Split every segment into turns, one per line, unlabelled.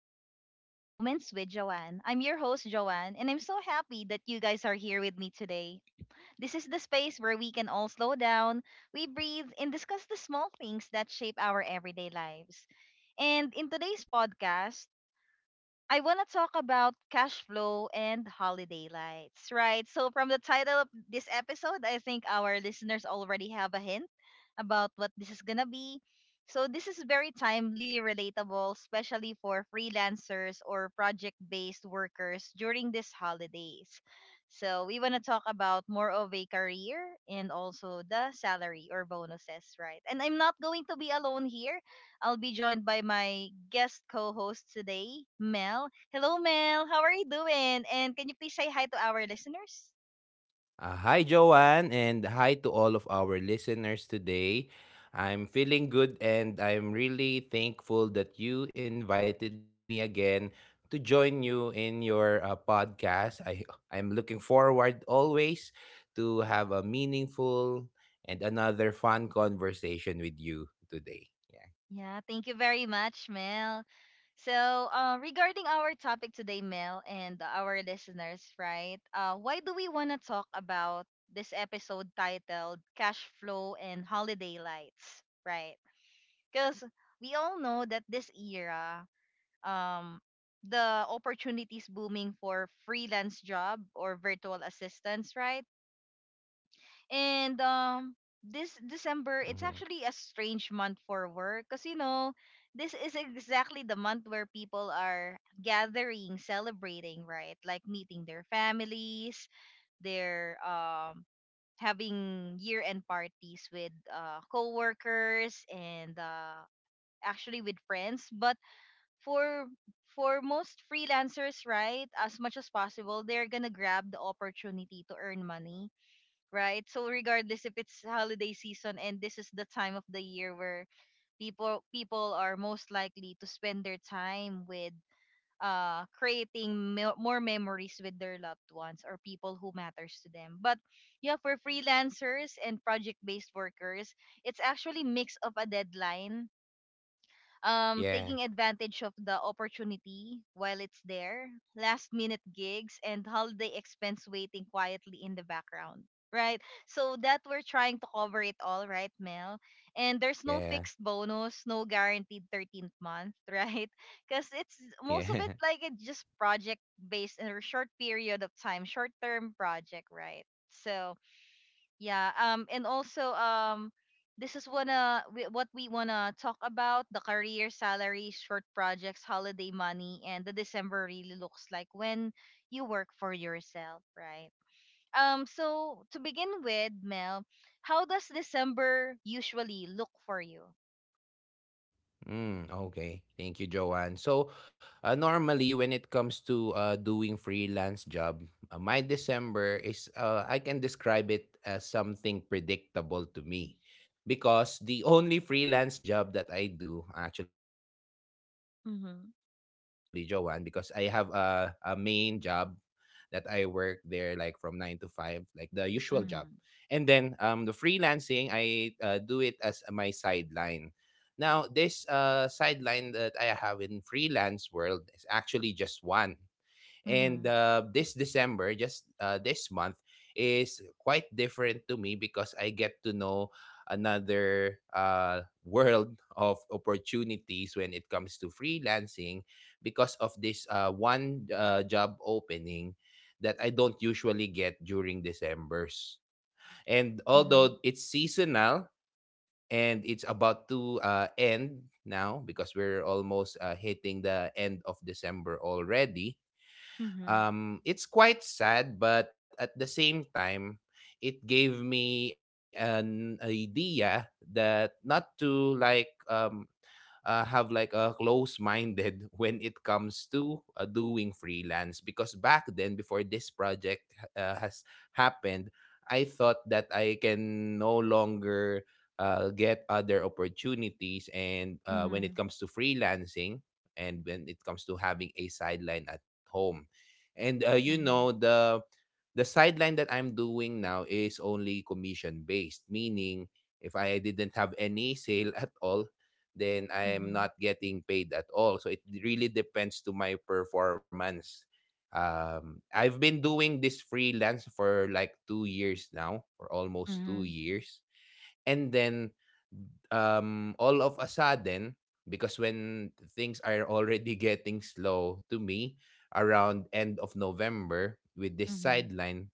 to Mindful Moments with Joanne. I'm your host, Joanne, and I'm so happy that you guys are here with me today. This is the space where we can all slow down, we breathe, and discuss the small things that shape our everyday lives. And in today's podcast, I want to talk about cash flow and holiday lights, right? So, from the title of this episode, I think our listeners already have a hint about what this is going to be. So, this is very timely, relatable, especially for freelancers or project based workers during these holidays. So, we want to talk about more of a career and also the salary or bonuses, right? And I'm not going to be alone here. I'll be joined by my guest co-host today, Mel. Hello, Mel. How are you doing? And can you please say hi to our listeners?
Hi, Joanne, and hi to all of our listeners today. I'm feeling good and I'm really thankful that you invited me again to join you in your podcast. I'm looking forward always to have a meaningful and another fun conversation with you today. Yeah.
Yeah, thank you very much, Mel. So, regarding our topic today, Mel, and our listeners, right? Why do we want to talk about this episode titled Cash Flow and Holiday Lights, right? Because we all know that this era, um, the opportunities booming for freelance job or virtual assistants, right? And this December, it's
Hmm.
actually a strange month for work because, you know, this is exactly the month where people are gathering, celebrating, right? Like meeting their families, they're having year-end parties with coworkers and actually with friends. But for for most freelancers, right, as much as possible, they're gonna grab the opportunity to earn money, right? So regardless if it's holiday season and this is the time of the year where people are most likely to spend their time with creating more memories with their loved ones or people who matters to them. But yeah, for freelancers and project based workers, it's actually mix of a deadline, taking
Yeah.
advantage of the opportunity while it's there, last minute gigs, and holiday expense waiting quietly in the background. Right? So that we're trying to cover it all, right, Mel? And there's no
Yeah.
fixed bonus, no guaranteed 13th month, right? Because it's most of
Yeah.
it like it's just project based or short period of time, short term project, right? So yeah. And also, this is what we wanna talk about: the career, salary, short projects, holiday money, and the December really looks like when you work for yourself, right? So to begin with, Mel, how does December usually look for you?
Okay, thank you, Joanne. So, normally when it comes to doing freelance job, my December is I can describe it as something predictable to me because the only freelance job that I do actually, Joanne, because I have a,
Mm-hmm.
a main job that I work there like from nine to five, like the usual job. And then the
Mm-hmm.
freelancing, I do it as my sideline now. This sideline that I have in freelance world is actually just one. And this December, just this month, is quite different to me because I get to know another world of opportunities when it comes to freelancing because of this one job opening that I don't usually get during December's. And
Mm-hmm.
although it's seasonal, and it's about to end now because we're almost hitting the end of December already.
Mm-hmm.
It's quite sad, but at the same time, it gave me an idea that not to like have like a close minded when it comes to doing freelance. Because back then, before this project has happened, I thought that I can no longer get other opportunities and when
Mm-hmm.
it comes to freelancing and when it comes to having a sideline at home. And you know,
Mm-hmm.
the sideline that I'm doing now is only commission based, meaning if I didn't have any sale at all, then I am
Mm-hmm.
not getting paid at all. So it really depends to my performance. I've been doing this freelance for like 2 years now, or almost
Mm-hmm.
2 years, and then all of a sudden, because when things are already getting slow to me around end of November with this
Mm-hmm. Mm-hmm.
sideline,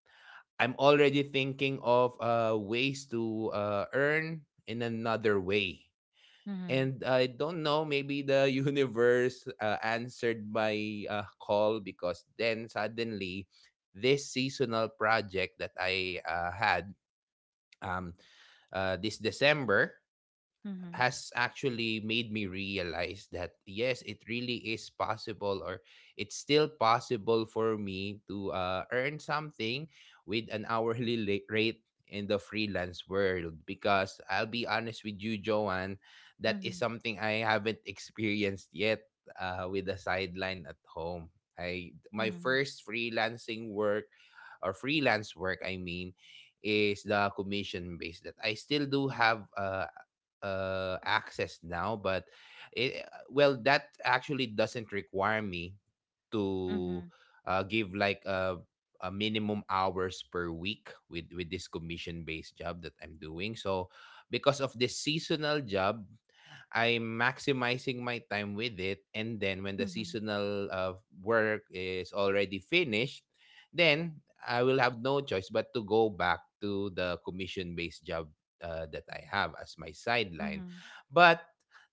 I'm already thinking of ways to earn in another way. And I don't know, maybe the universe answered my call because then suddenly this seasonal project that I had, um, this December,
Mm-hmm.
has actually made me realize that yes, it really is possible, or it's still possible for me to earn something with an rate in the freelance world. Because I'll be honest with you, Joanne, that
Mm-hmm.
is
Mm-hmm.
something I haven't experienced yet with the sideline at home. I my first freelancing work, or freelance work, I mean, is the commission based that I still do have access now, but it, well, that actually doesn't require me to
Mm-hmm.
give like a minimum hours per week with this commission based job that I'm doing. So because of this seasonal job, I'm maximizing my time with it. And then when the
Mm-hmm.
seasonal work is already finished, then I will have no choice but to go back to the commission based job that I have as my sideline.
Mm-hmm.
But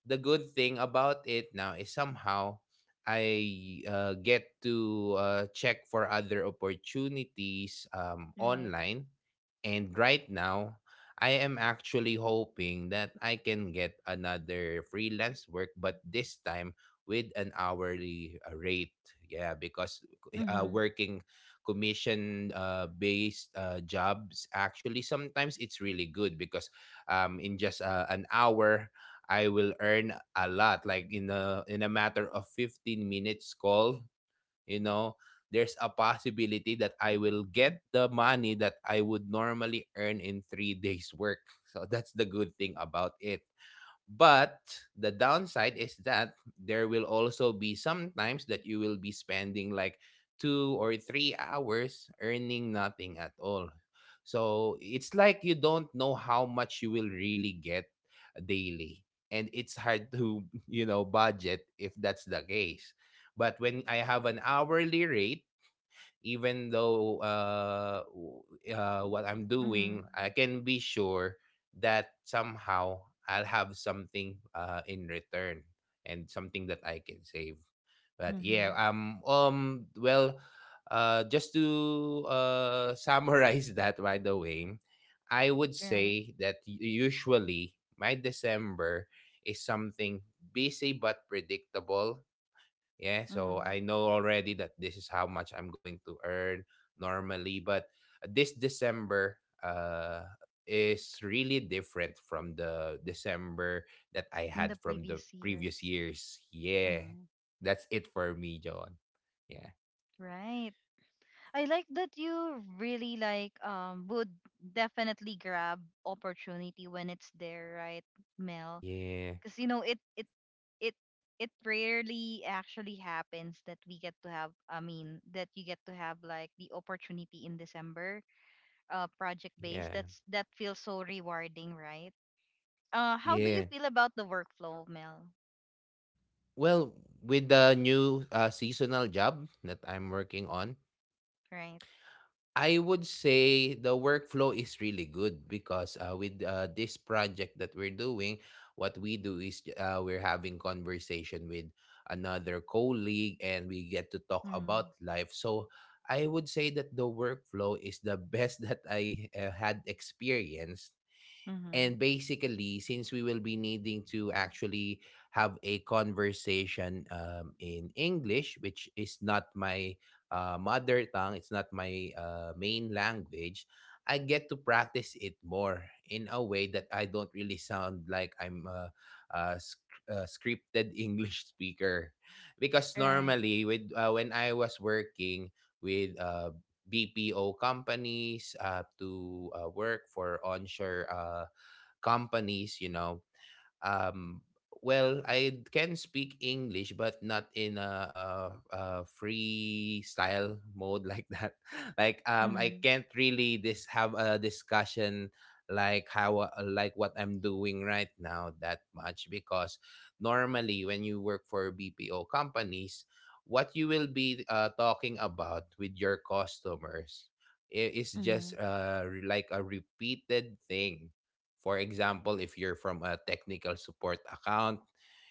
the good thing about it now is somehow I get to check for other opportunities
Right.
online. And right now, I am actually hoping that I can get another freelance work, but this time with an hourly rate. Yeah, because
Mm-hmm.
working commission based jobs, actually sometimes it's really good because in just an hour, I will earn a lot, like in a matter of 15 minutes call. You know, there's a possibility that I will get the money that I would normally earn in 3 days work. So that's the good thing about it. But the downside is that there will also be sometimes that you will be spending like 2 or 3 hours earning nothing at all. So it's like you don't know how much you will really get daily. And it's hard to, you know, budget if that's the case. But when I have an hourly rate, even though what I'm
Mm-hmm.
doing, I can be sure that somehow I'll have something in return and something that I can save. But yeah,
Mm-hmm.
well, just to summarize that, by the way, I would
Right.
say that usually my December is something busy but predictable. Yeah, so
Mm-hmm.
I know already that this is how much I'm going to earn normally, but this December uh is really different from the December that I
In the
had from the
previous
previous
years.
years. Yeah.
Mm-hmm.
That's it for me, John. Yeah.
Right. I like that you really like would definitely grab opportunity when it's there, right, Mel?
Yeah.
Because you know it it rarely actually happens that we get to have, I mean, that you get to have like the opportunity in December, project based.
Yeah.
That's, that feels so rewarding, right? How do you
Yeah.
feel about the workflow, Mel?
Well, with the new seasonal job that I'm working on,
Right.
I would say the workflow is really good because with this project that we're doing, what we do is we're having conversation with another colleague and we get to talk
Mm-hmm.
about life. So I would say that the workflow is the best that I had experienced.
Mm-hmm.
And basically, since we will be needing to actually have a conversation in English, which is not my mother tongue, it's not my main language, I get to practice it more in a way that I don't really sound like I'm a scripted English speaker. Because
Right.
normally, with when I was working with BPO companies to work for onshore companies, you know. Um, well, I can speak English, but not in a free style mode like that. Like, I
Mm-hmm.
can't really this have a discussion like how like what I'm doing right now that much because normally when you work for BPO companies, what you will be talking about with your customers is
Mm-hmm.
just like a repeated thing. For example, if you're from a technical support account,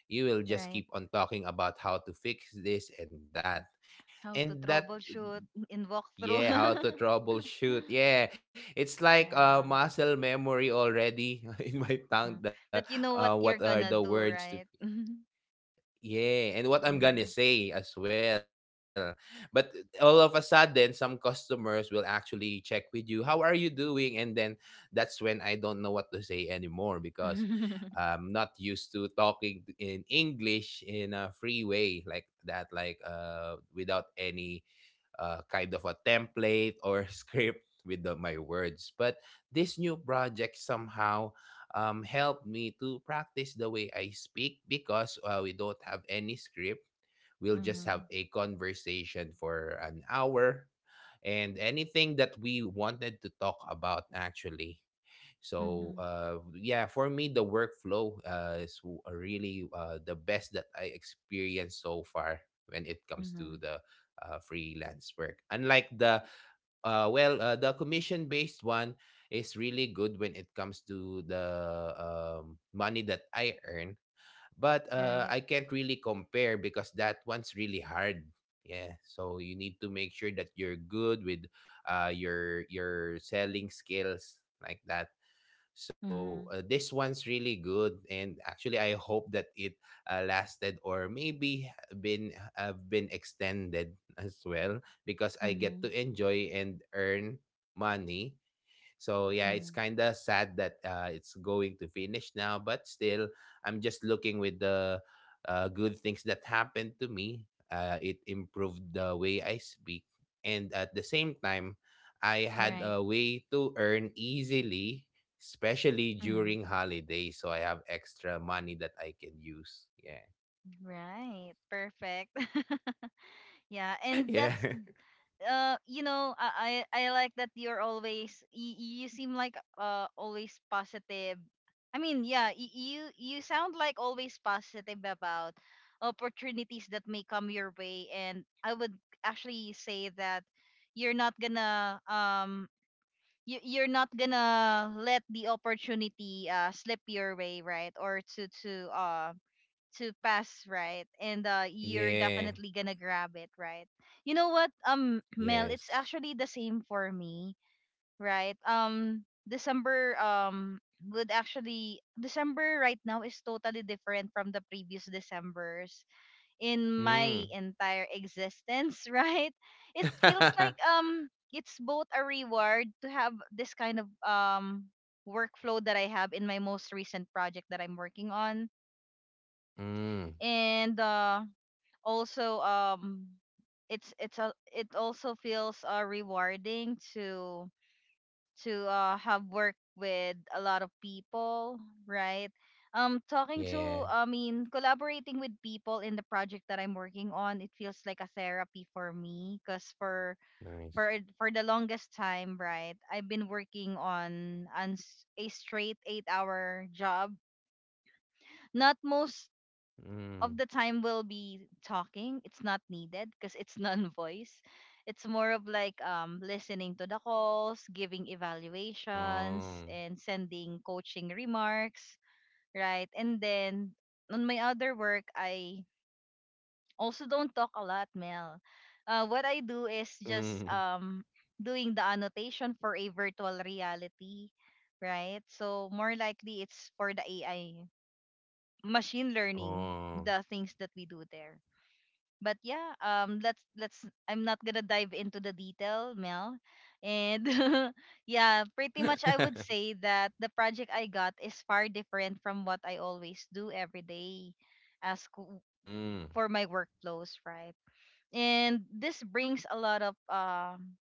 you will just
Right.
keep on talking about how to fix this and that.
How to
And that,
troubleshoot in walkthrough.
yeah, how to troubleshoot. Yeah, it's like
Yeah.
muscle memory already in my
Mm.
tongue.
That you know what
What
you're
are
gonna
the
do,
words to?
right?
Yeah, and what I'm
Mm-hmm.
gonna say as well. But all of a sudden, some customers will actually check with you, how are you doing? And then that's when I don't know what to say anymore because I'm not used to talking in English in a free way like that, like without any kind of a template or script with my words. But this new project somehow helped me to practice the way I speak because we don't have any script. We'll just
Mm-hmm.
have a conversation for an hour and anything that we wanted to talk about actually. So
Mm-hmm.
yeah, for me the workflow really the best that I experienced so far when it comes to
Mm-hmm.
the freelance work. Unlike the the commission based one is really good when it comes to the money that I earn, but
Right.
I can't really compare because that one's really hard. Yeah, so you need to make sure that you're good with your selling skills like that. So
Mm-hmm.
this one's really good, and actually, I hope that it lasted, or maybe been extended as well because I get
Mm-hmm.
to enjoy and earn money. So yeah, it's
Mm-hmm.
kind of sad that it's going to finish now, but still, I'm just looking with the good things that happened to me. It improved the way I speak, and at the same time, I had
Right.
a way to earn easily, especially
Mm-hmm.
during holidays. So I have extra money that I can use. Yeah.
Right. Perfect. Yeah. And
Yeah.
that's, you know, I like that you're always, you seem like always positive. I mean, yeah, you, you sound like always positive about opportunities that may come your way, and I would actually say that you're not gonna, you're not gonna let the opportunity slip your way, right? Or to pass, right? And you're
Yeah.
definitely gonna grab it, right? You know what, Mel,
Yes.
it's actually the same for me, right? December, would actually, December right now is totally different from the previous Decembers in
Mm.
my entire existence. Right, it feels like, it's both a reward to have this kind of, workflow that I have in my most recent project that I'm working on.
Mm.
And also, it also feels rewarding to, have worked with a lot of people, right? Talking to,
Yeah.
I mean, collaborating with people in the project that I'm working on, it feels like a therapy for me, because
Nice.
for for the longest time, right, I've been working on, a straight 8 hour job. Not most of
Mm.
the time we'll be talking, it's not needed because it's non-voice. It's more of like listening to the calls, giving evaluations,
Oh.
and sending coaching remarks, right? And then on my other work, I also don't talk a lot, Mel. What I do is just
Mm.
doing the annotation for a virtual reality, right? So more likely it's for the AI machine learning,
Oh.
the things that we do there. But yeah, let's I'm not gonna dive into the detail, Mel. And yeah, pretty much I would say that the project I got is far different from what I always do every day as
Mm.
for my workflows, right? And this brings a lot of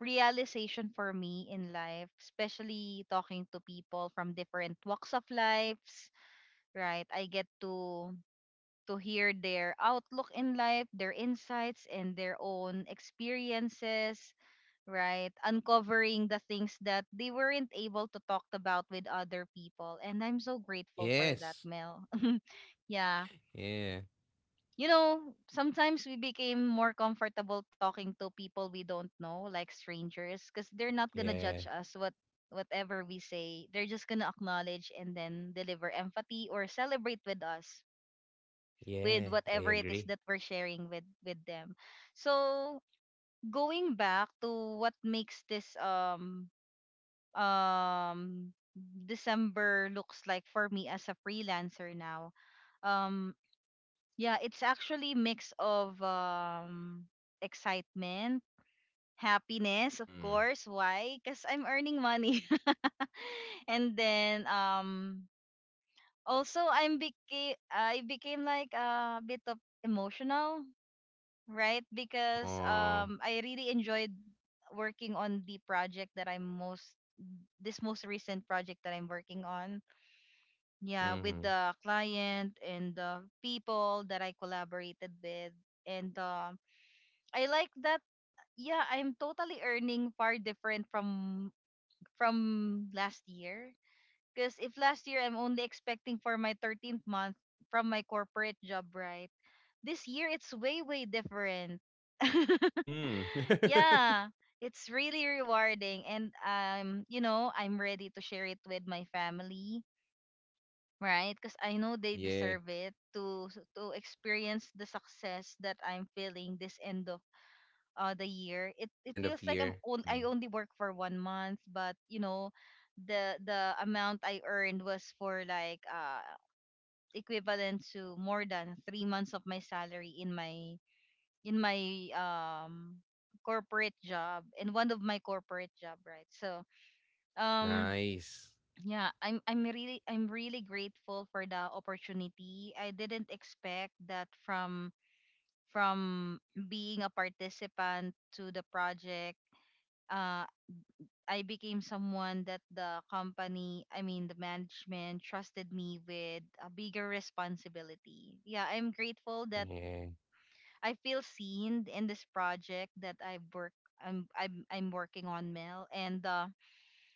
realization for me in life, especially talking to people from different walks of lives, right? I get to hear their outlook in life, their insights, and their own experiences, right? Uncovering the things that they weren't able to talk about with other people. And I'm so grateful for that,
Yes.
Mel. Yeah.
Yeah.
You know, sometimes we became more comfortable talking to people we don't know, like strangers, because they're not gonna judge
Yeah.
us whatever we say. They're just gonna acknowledge and then deliver empathy or celebrate with us with
Yeah. I
whatever it is
agree.
that we're sharing with them. So going back to what makes this, um December looks like for me as a freelancer now, um yeah, it's actually mix of excitement, happiness, of
Mm.
course, why? Because I'm earning money. And then also, I became like a bit of emotional, right? Because
Oh.
I really enjoyed working on the project that I'm most this most recent project that I'm working on. Yeah, with
Mm.
the client and the people that I collaborated with. And I like that, yeah, I'm totally earning far different from last year, because if last year I'm only expecting for my 13th month from my corporate job, right? This year it's way different.
Mm.
Yeah, it's really rewarding, and you know, I'm ready to share it with my family, right? Cuz I know they deserve
Yeah.
it to experience the success that I'm feeling this end of, the year. It
And
feels
end
like
of
I'm
year.
on, I
Mm.
only work for 1 month, but you know, the amount I earned was for like equivalent to more than 3 months of my salary in my, in my um corporate job, in one of my corporate job, right? So um
Nice.
yeah, I'm really grateful for the opportunity. I didn't expect that from being a participant to the project. uh I became someone that the company, I mean, the management trusted me with a bigger responsibility. Yeah, I'm grateful that
Yeah.
I feel seen in this project that I'm working on, Mel. And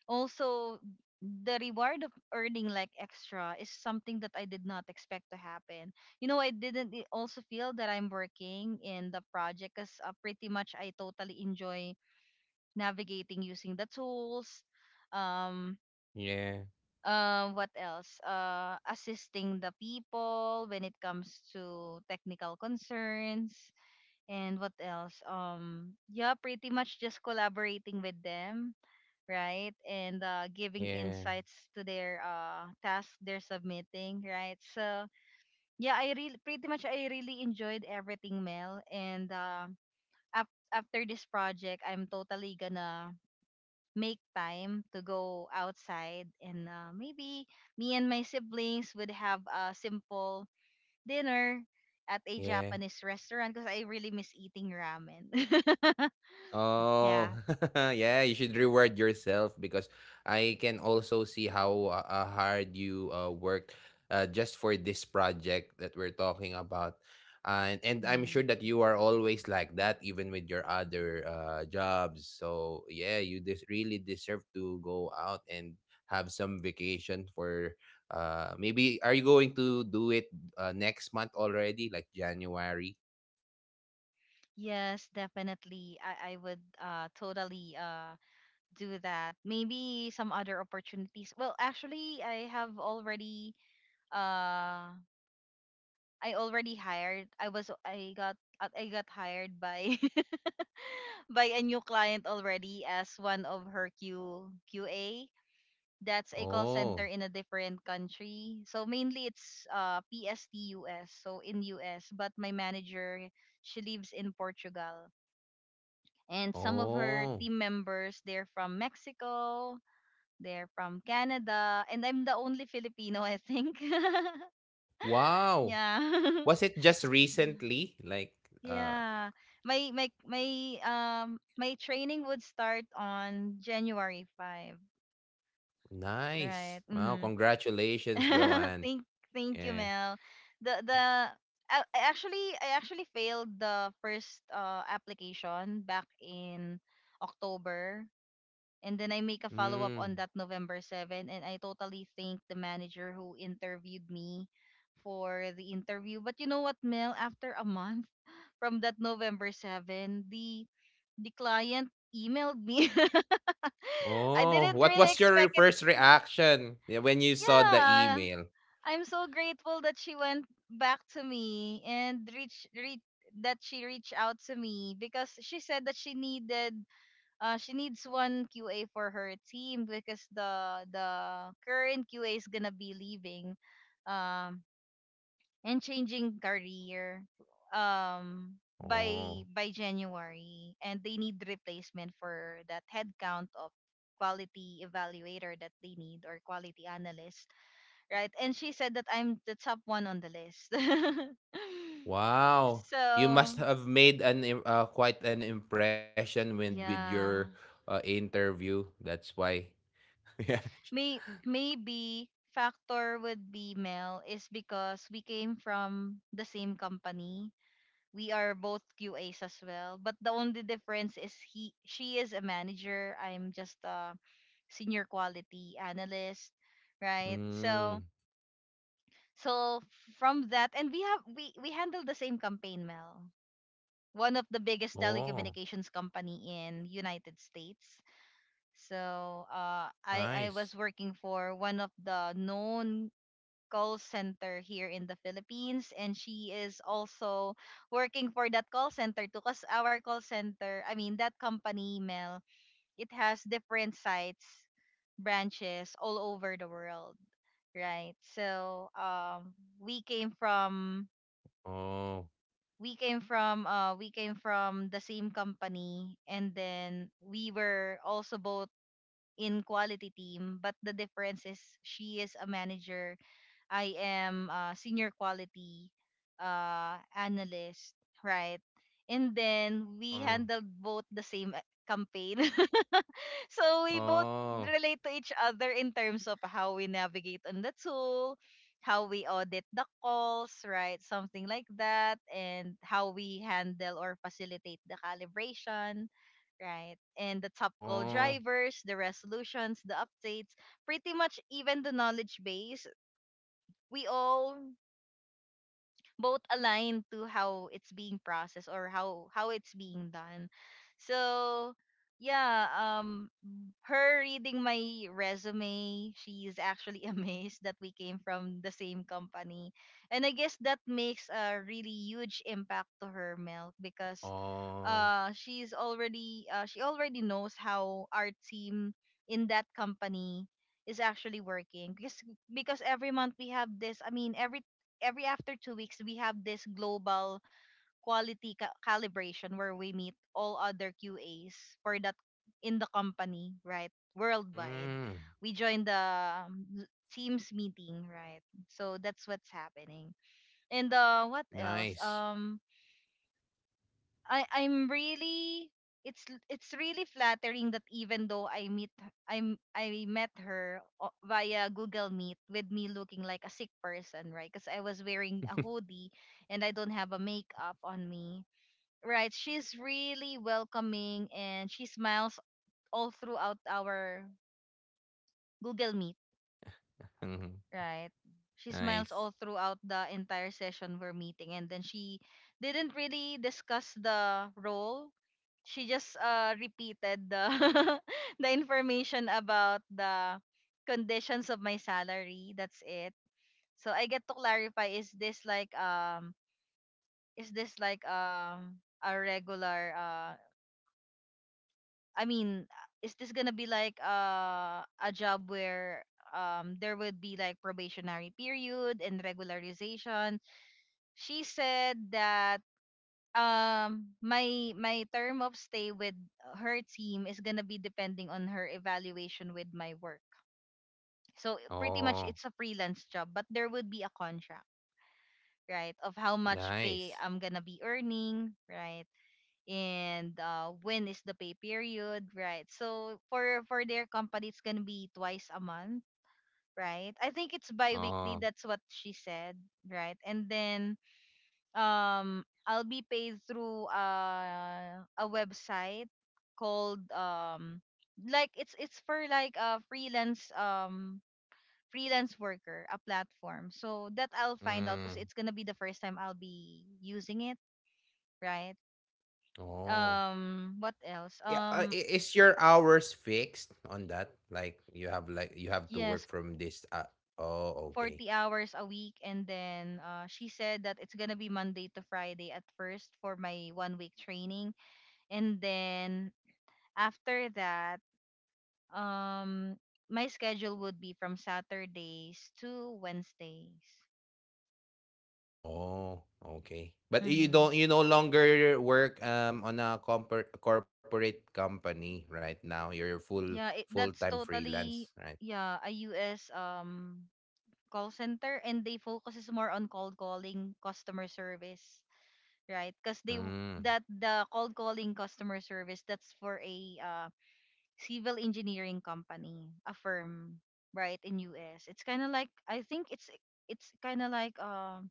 also, the reward of earning like extra is something that I did not expect to happen. You know, I didn't I- also feel that I'm working in the project because pretty much I totally enjoy navigating using the tools. Um,
Yeah.
what else? Assisting the people when it comes to technical concerns, and what else? Yeah, pretty much just collaborating with them, right? And giving
Yeah.
insights to their task they're submitting, right? So yeah, I really enjoyed everything, Mel. And after this project, I'm totally gonna make time to go outside, and maybe me and my siblings would have a simple dinner at a
Yeah.
Japanese restaurant because I really miss eating ramen. Yeah.
Oh, yeah, you should reward yourself because I can also see how hard you worked just for this project that we're talking about. And I'm sure
Mhm.
that you are always like that, even with your other jobs. So, yeah, you really deserve to go out and have some vacation for maybe. Are you going to do it next month already, like January?
Yes, definitely. I would totally do that. Maybe some other opportunities. Well, actually, I have already, uh I already hired. I was I got, I got hired by by a new client already as one of her Q QA. That's a call center
Oh,
in a different country. So mainly it's PSTUS, so in US, but my manager, she lives in Portugal. And some
oh.
of her team members, they're from Mexico, they're from Canada, and I'm the only Filipino, I think.
Wow.
Yeah.
Was it just recently? Like, uh,
Yeah. My my my my training would start on January 5,
nice.
right?
Wow,
Mhm.
congratulations, Joanne.
thank thank you
Yeah.
mel. The I actually failed the first application back in october, and then I make a follow-up
Mm.
on that November 7th, and I totally thank the manager who interviewed me for the interview. But you know what mel, after a month from that November 7th, the client emailed me. I
Oh,
didn't
what
really
was your
expect it.
first reaction, yeah, when you saw the
Yeah,
email?
I'm so grateful that she went back to me and reach reach that she reached out to me, because she said that she needed she needs one QA for her team because the current QA is gonna be leaving um and changing career. um by
Oh,
by January, and they need replacement for that headcount of quality evaluator that they need, or quality analyst, right? And she said that I'm the top one on the list.
wow. You must
So
have made quite an impression with your
yeah,
interview. That's why. Yeah.
maybe factor would be Mel is because we came from the same company. We are both QAs as well, but the only difference is he she is a manager. I'm just a senior quality analyst, right?
Mm.
So from that, and we have we handle the same campaign mel, one of the biggest
Oh,
telecommunications company in United States. So I
nice.
was working for one of the known call center here in the Philippines, and she is also working for that call center too. Cause our call center, I mean that company email, it has different sites, branches all over the world, right? So we came from
Oh.
we came from the same company, and then we were also both in quality team, but the difference is she is a manager, I am a senior quality analyst, right? And then we
Oh.
handled both the same campaign. So we both
Oh.
relate to each other in terms of how we navigate on the tool, how we audit the calls, right? Something like that, and how we handle or facilitate the calibration, right? And the top call
Oh.
drivers, the resolutions, the updates, pretty much even the knowledge base. We all both aligned to how it's being processed, or how it's being done. So yeah. Her reading my resume, she is actually amazed that we came from the same company. And I guess that makes a really huge impact to her, Milk, because
Oh.
she already knows how our team in that company is actually working. Because every month we have this, I mean every after 2 weeks we have this global quality calibration where we meet all other QAs for that in the company, right, worldwide.
Mm,
We join the teams meeting, right? So that's what's happening. And what else.
nice.
I'm really, it's really flattering that even though I I'm I met her via Google Meet with me looking like a sick person, right? Because I was wearing a hoodie and I don't have a makeup on me, right? She's really welcoming and she smiles all throughout our Google Meet,
Mhm.
right? She smiles
Nice.
all throughout the entire session we're meeting, and then she didn't really discuss the role. She just repeated the the information about the conditions of my salary. That's it. So I get to clarify: is this like a regular I mean, is this gonna be like a job where there would be like probationary period and regularization? She said that my term of stay with her team is gonna be depending on her evaluation with my work. So pretty much
Oh,
it's a freelance job, but there would be a contract, right? Of how much pay
nice.
I'm gonna be earning, right? And when is the pay period, right? So for their company, it's gonna be twice a month, right? I think it's bi-weekly.
Oh,
That's what she said, right? And then I'll be paid through a website called, like it's for like a freelance freelance worker, a platform. So that I'll find out because
mm,
it's gonna be the first time I'll be using it, right?
oh.
What else.
Yeah, is your hours fixed on that? Like you have to
Yes,
work from this. Oh,
40
okay.
hours a week. And then she said that it's going to be Monday to Friday at first for my one week training. And then after that, um, my schedule would be from Saturdays to Wednesdays.
Oh, okay. But you
Mm-hmm.
don't you no longer work on a corporate company right now. You're
Yeah, it,
full-time
that's
freelance,
totally,
right?
yeah, a US call center. And they focuses more on cold calling customer service, right? Because
Mm.
that the cold calling customer service, that's for a civil engineering company, a firm, right in US. It's kind of like, I think it's kind of like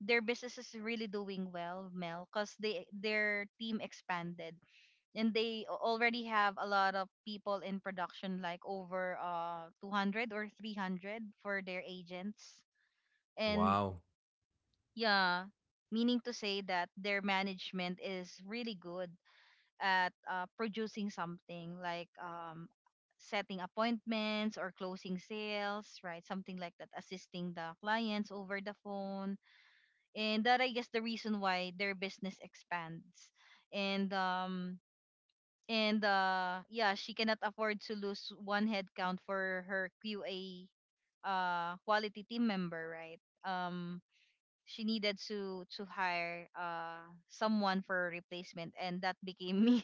their business is really doing well, Mel, because they their team expanded and they already have a lot of people in production, like over 200 or 300 for their agents. And
Wow.
yeah, meaning to say that their management is really good at producing something like, setting appointments or closing sales, right? Something like that, assisting the clients over the phone. And that, I guess, the reason why their business expands. And, um, and yeah, she cannot afford to lose one headcount for her QA, quality team member, right? Um, she needed to hire someone for a replacement, and that became me.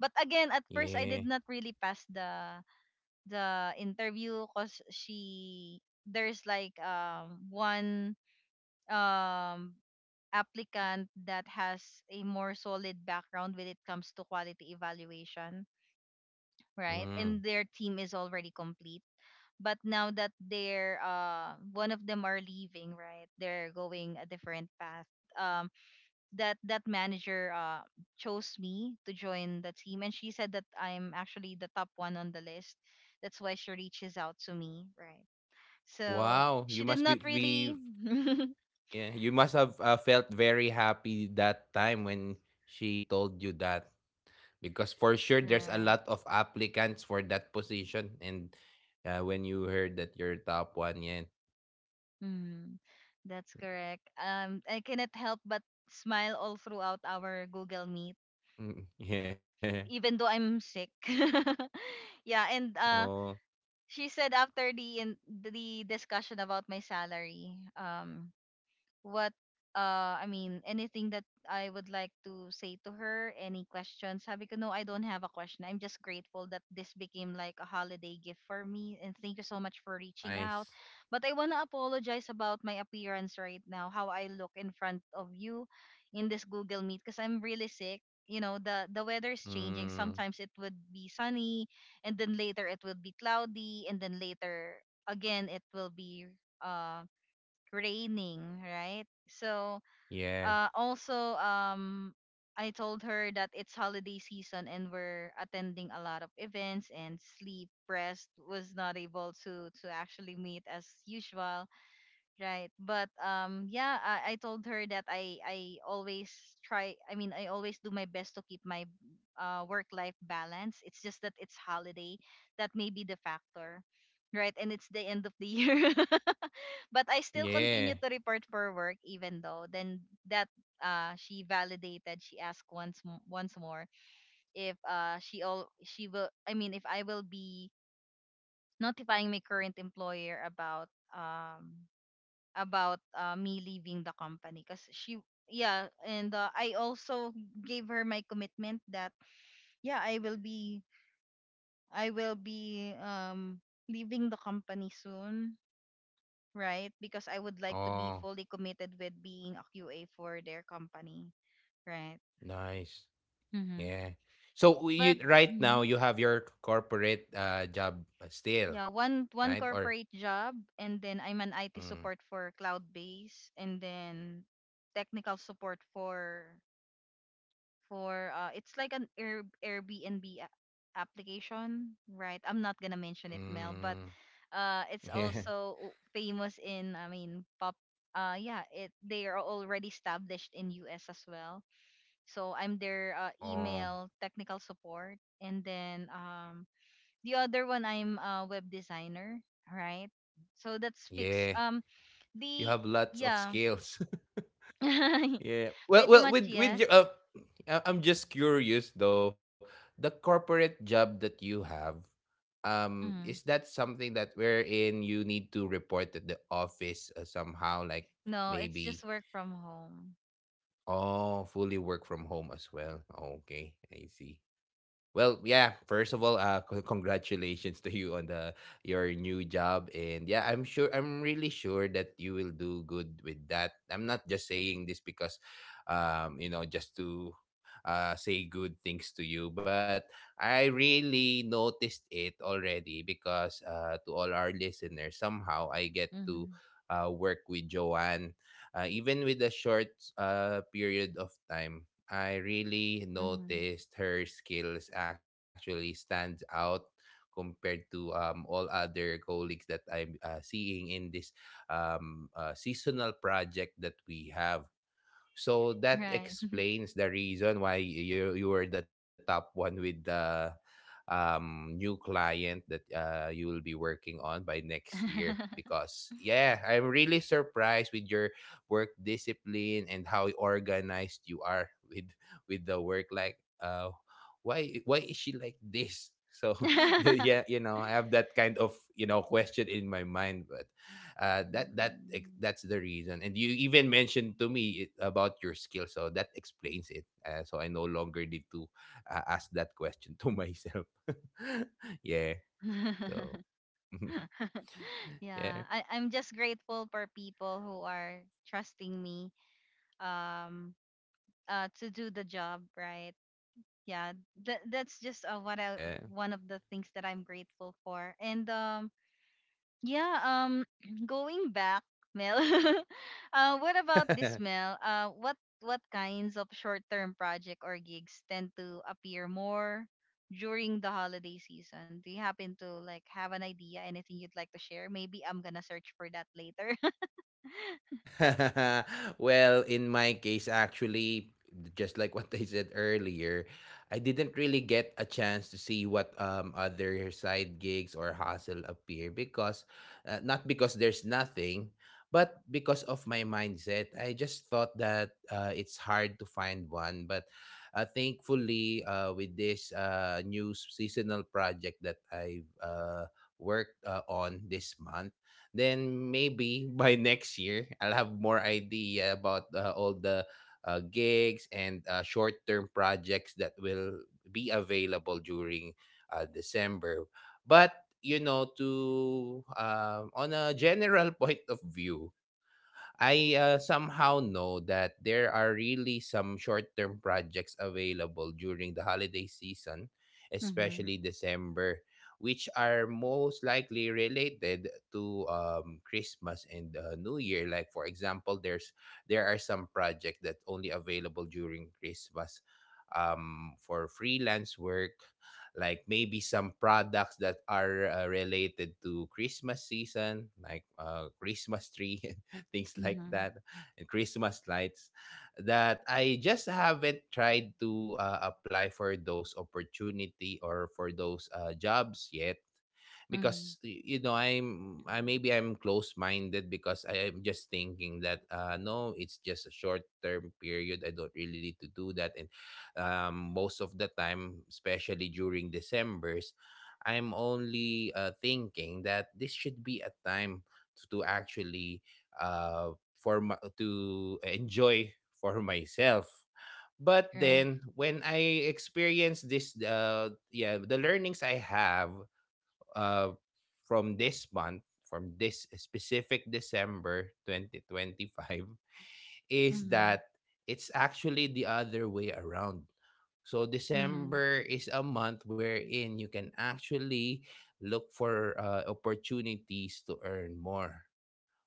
But again, at first
Yeah.
I did not really pass the interview, cause she there's like one um applicant that has a more solid background when it comes to quality evaluation, right?
Mm.
And their team is already complete. But now that they're one of them are leaving, right? They're going a different path. Um that manager chose me to join the team, and she said that I'm actually the top one on the list. That's why she reaches out to me, right? So
Wow, you
she
must
did
be
not
be
really
yeah, you must have felt very happy that time when she told you that because for sure there's a lot
right.
of applicants for that position and when you heard that you're top one, yeah.
Mm, that's correct. I cannot help but smile all throughout our Google Meet,
Mm, yeah.
even though I'm sick. Yeah. And
Oh,
she said, after the in the discussion about my salary, what I mean, anything that I would like to say to her, any questions. Sabi ko no, I don't have a question. I'm just grateful that this became like a holiday gift for me, and thank you so much for reaching
nice.
out. But I want to apologize about my appearance right now, how I look in front of you in this Google Meet, because I'm really sick. You know, the weather is changing.
Mm,
Sometimes it would be sunny, and then later it will be cloudy, and then later again it will be uh raining, right? So,
yeah.
also, I told her that it's holiday season and we're attending a lot of events, and sleep rest was not able to actually meet as usual, right? But yeah, I told her that I always try. I mean, I always do my best to keep my work life balance. It's just that it's holiday, that may be the factor. Right, and it's the end of the year. But I still
Yeah.
continue to report for work even though then that, she validated, she asked once more if she all she will I mean, if I will be notifying my current employer um about me leaving the company, because she, yeah. And I also gave her my commitment that yeah, I will be leaving the company soon, right? Because I would like to be
Oh,
fully committed with being a QA for their company, right?
nice.
Mm-hmm.
Yeah. So you
But
right now
hmm,
you have your corporate job still,
yeah, one
right? Or
corporate job, and then I'm an IT
mm,
support for cloud base, and then technical support for it's like an Airbnb application, right? I'm not going to mention it Mel, but
mm.
it's
Yeah.
also famous in, I mean pop, yeah, it they are already established in US as well. So I'm their
Oh,
email technical support, and then, the other one I'm a web designer, right? So that's fixed.
yeah. You
The
have lots of
Yeah,
skills. Yeah. Well,
pretty
well,
much
with
yes.
your, I'm just curious though. The corporate job that you have, is that
Mm.
something that wherein you need to report at the office somehow, like
No, it's just
maybe?
work from home.
Oh, fully work from home as well. Okay, I see. Well, yeah. First of all, congratulations to you on the your new job, and yeah, I'm sure, I'm really sure that you will do good with that. I'm not just saying this because, you know, just to, say good things to you, but I really noticed it already because, to all our listeners, somehow I get to,
Mm-hmm.
work with Joanne, even with a short, period of time. I really
Mm-hmm.
noticed her skills actually stands out compared to all other colleagues that I'm seeing in this seasonal project that we have. So that
Right.
explains the reason why you were the top one with the new client that you will be working on by next year, because yeah, I'm really surprised with your work discipline and how organized you are with the work, why is she like this? So yeah, you know, I have that kind of, you know, question in my mind, but
Mm.
that's the reason. And you even mentioned to me it, about your skill, so that explains it. So I no longer need to ask that question to myself. Yeah. So yeah,
Yeah, I'm just grateful for people who are trusting me. Um, to do the job right. Yeah, that's just what I
yeah.
one of the things that I'm grateful for. And yeah. Going back Mel, what about this Mel what kinds of short-term project or gigs tend to appear more during the holiday season? Do you happen to like have an idea, anything you'd like to share? Maybe I'm gonna search for that later.
Well, in my case, actually, just like what I said earlier, I didn't really get a chance to see what other side gigs or hustle appear because, not because there's nothing, but because of my mindset. I just thought that it's hard to find one. But thankfully, with this new seasonal project that I've worked on this month, then maybe by next year I'll have more idea about all the gigs and short-term projects that will be available during December. But you know, to on a general point of view, I somehow know that there are really some short-term projects available during the holiday season,
Mhm.
especially December, which are most likely related to Christmas and New Year. Like for example, there are some projects that only available during Christmas, for freelance work, like maybe some products that are related to Christmas season, like Christmas tree, things like
Mhm.
that, and Christmas lights that I just haven't tried to apply for those opportunity or for those jobs yet,
Mhm.
because you know, I'm I maybe I'm close-minded because I am just thinking that no, it's just a short-term period, I don't really need to do that. And most of the time, especially during decembers, I'm only thinking that this should be a time to actually uh for my, to enjoy for myself. But
Right.
then when I experience this, yeah, the learnings I have uh, from this month, from this specific December 2025, is
Mhm.
that it's actually the other way around. So
Mhm.
December is a month wherein you can actually look for opportunities to earn more.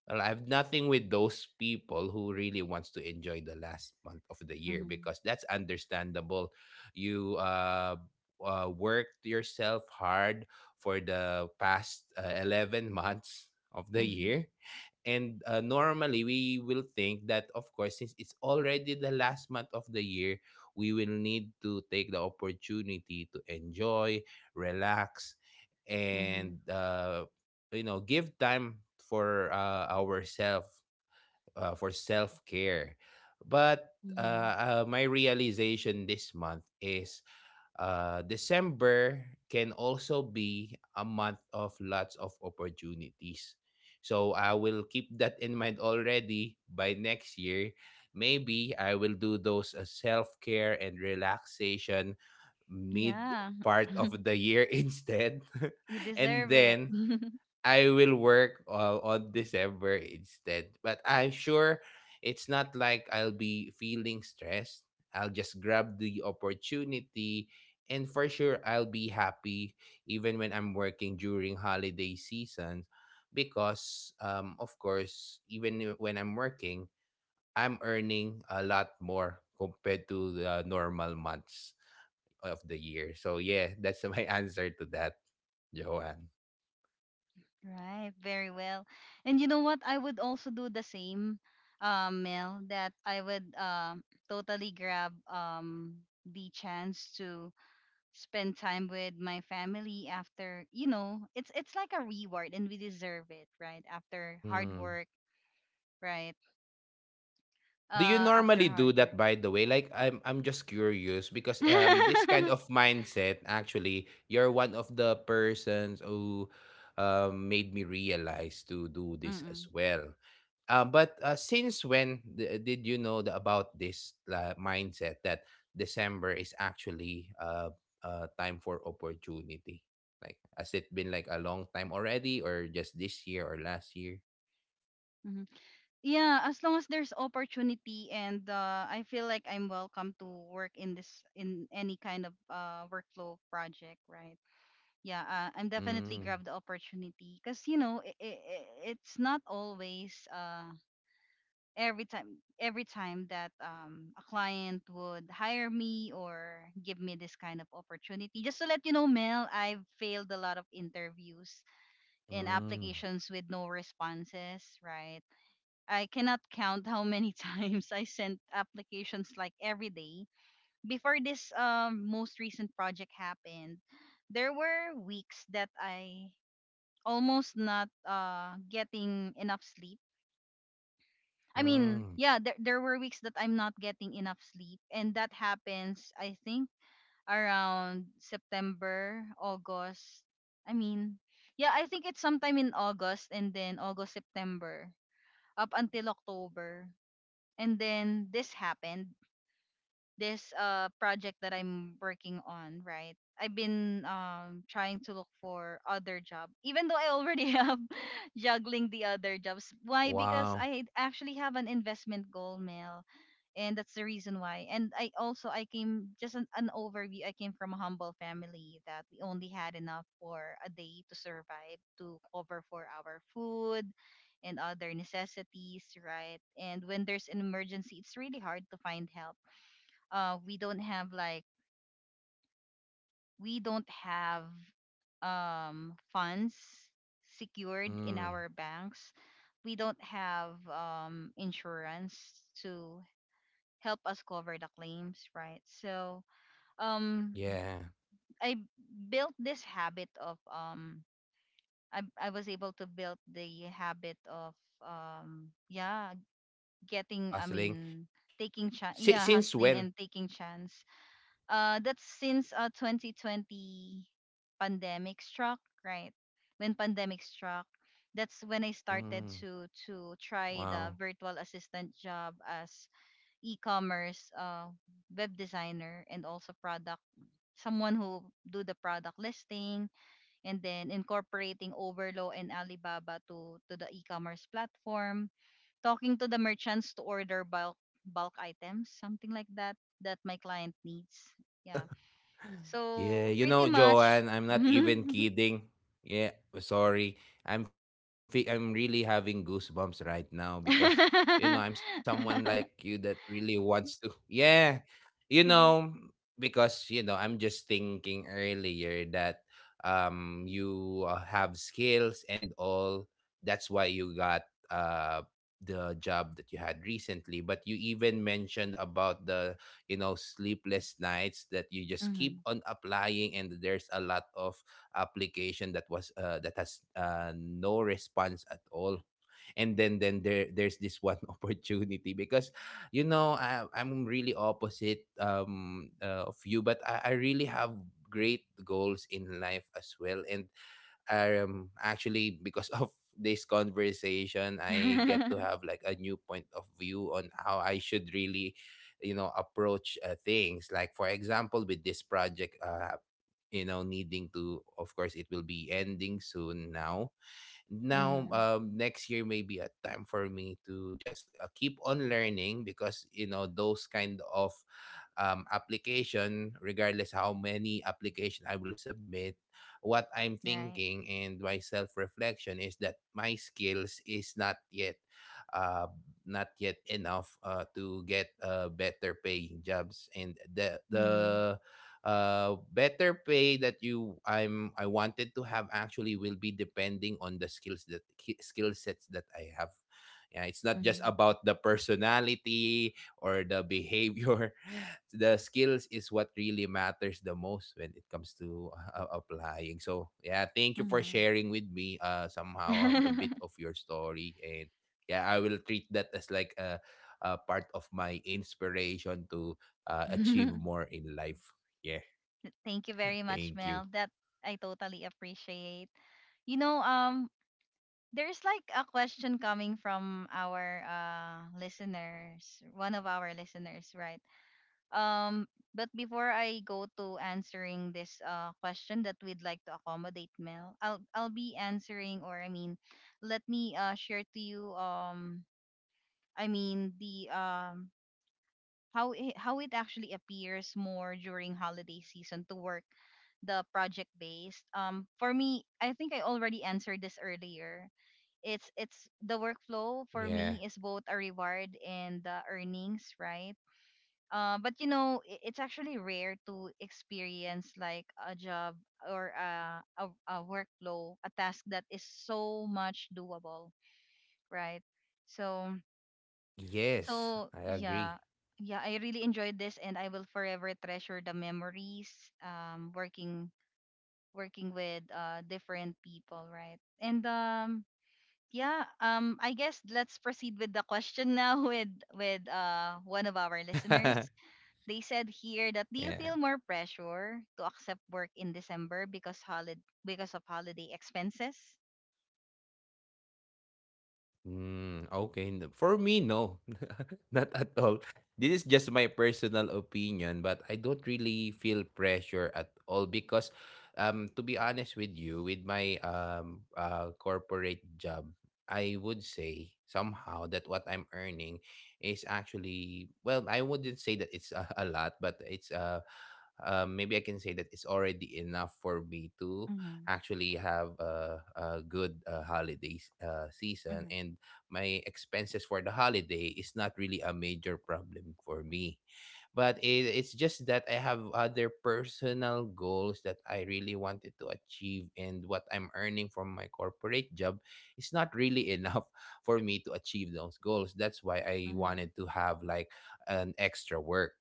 Well, I have nothing with those people who really wants to enjoy the last month of the year,
Mhm.
because that's understandable. You worked yourself hard for the past 11 months of the
Mm-hmm.
year, and normally, we will think that, of course, since it's already the last month of the year, we will need to take the opportunity to enjoy, relax,
Mm-hmm.
and you know, give time for ourselves, for self care. But
Mm-hmm.
my realization this month is December can also be a month of lots of opportunities. So I will keep that in mind already by next year. Maybe I will do those self care and relaxation mid
Yeah.
part of the year instead.
You
And
deserve it.
then I will work on December instead. But I'm sure it's not like I'll be feeling stressed. I'll just grab the opportunity, and for sure I'll be happy even when I'm working during holiday seasons, because of course, even when I'm working, I'm earning a lot more compared to the normal months of the year. So yeah, that's my answer to that, Joanne.
Right, very well. And you know what? I would also do the same, Mel, that I would totally grab the chance to spend time with my family after, it's like a reward and we deserve it, right? After hard work, right?
Do you
After
normally do
hard
that
work.
by the way? Like I'm just curious because this kind of mindset, actually, you're one of the persons who made me realize to do this
Mm-mm.
as well. But since when did you know the, about this mindset that December is actually time for opportunity? Like has it been like a long time already or just this year or last year?
Mm-hmm. Yeah, as long as there's opportunity and I feel like I'm welcome to work in this in any kind of workflow project, right? Yeah, I'm definitely
Mm,
grab the opportunity because it's not always every time that a client would hire me or give me this kind of opportunity. Just to let you know, Mel, I've failed a lot of interviews and
mm,
applications with no responses, right? I cannot count how many times I sent applications, like every day. Before this most recent project happened, there were weeks that I almost not getting enough sleep. I mean, yeah, there,
mm.
there were weeks that I'm not getting enough sleep. And that happens, I think, around September, August. I mean, yeah, I think it's sometime in August, and then August, September, up until October. And then this happened, this project that I'm working on, right? I've been trying to look for other job, even though I already have juggling the other jobs. Why? Because I
Wow.
actually have an investment goal, Mel, and that's the reason why. And I also I came just an overview. I came from a humble family that we only had enough for a day to survive, to cover for our food, and other necessities, right? And when there's an emergency, it's really hard to find help. uh we don't have like we don't have funds secured in our
Mm,
banks. We don't have insurance to help us cover the claims, right? So um
yeah,
I built this habit of I was able to build the habit of um yeah getting
of
I mean
hustling.
taking chance,
Si
yeah,
Since
hustling
when?
and taking chance. That's since 2020 pandemic struck, right? When pandemic struck, that's
Mm,
when I started
wow.
to try the virtual assistant job as e-commerce web designer and also product, someone who do the product listing, and then incorporating Overlo and Alibaba to the e-commerce platform, talking to the merchants to order bulk items, something like that that my client needs.
Yeah.
Yeah.
Yeah,
So
you
pretty
know,
much.
Joanne, I'm not even kidding. Yeah, sorry. I'm really having goosebumps right now because you know I'm someone like you that really wants to. Yeah, you know, because you know I'm just thinking earlier that you have skills and all. That's why you got the job that you had recently. But you even mentioned about the, you know, sleepless nights that you just keep on
Mhm.
applying, and there's a lot of application that was that has no response at all. And then then there there's this one opportunity because you know I'm really opposite, of you, but I really have great goals in life as well. And actually, because of this conversation, I get to
Mhm.
have like a new point of view on how I should really, you know, approach things. Like for example, with this project, you know, needing to, of course it will be ending soon now. Next year may be a time for me to just keep on learning, because you know those kind of application, regardless how many application I will submit, what I'm
Right.
thinking and my self-reflection is that my skills is uh, not yet enough to get better paying jobs, and
Mhm.
the better pay that you I'm I wanted to have actually will be depending on the skills that skill sets that I have. Yeah, it's not just
Mhm.
about the personality, or the behavior, the skills is what really matters the most when it comes to applying. So yeah, thank you for
Mhm.
sharing with me somehow a bit of your story. And yeah, I will treat that as like a part of my inspiration to achieve more in life. Yeah,
Thank you very much,
thank you.
Mel. That I totally appreciate. You know, there's like a question coming from our listeners, one of our listeners, right? Um, but before I go to answering this question that we'd like to accommodate, Mel, I'll be answering, or I mean, let me share to you I mean the how it actually appears more during holiday season to work the project based. For me, I think I already answered this earlier. It's the workflow for
Yeah.
me is both a reward and the earnings, right? But you know, it's actually rare to experience like a job or a workflow, a task that is so much doable, right? So
Yes,
so
I agree.
yeah, yeah, I really enjoyed this, and I will forever treasure the memories working working with different people, right? And yeah, I guess let's proceed with the question now with one of our listeners. They said here that do you
Yeah.
feel more pressure to accept work in December because holiday because of holiday expenses?
Mm, okay. For me, no. Not at all. This is just my personal opinion, but I don't really feel pressure at all because to be honest with you, with my corporate job, I would say somehow that what I'm earning is actually, well, I wouldn't say that it's a lot, but it's maybe I can say that it's already enough for me to
Mm-hmm.
actually have a good holiday season, and
Mm-hmm.
my expenses for the holiday is not really a major problem for me. But it's just that I have other personal goals that I really wanted to achieve, and what I'm earning from my corporate job is not really enough for me to achieve those goals. That's why I
Mm-hmm.
wanted to have like an extra work,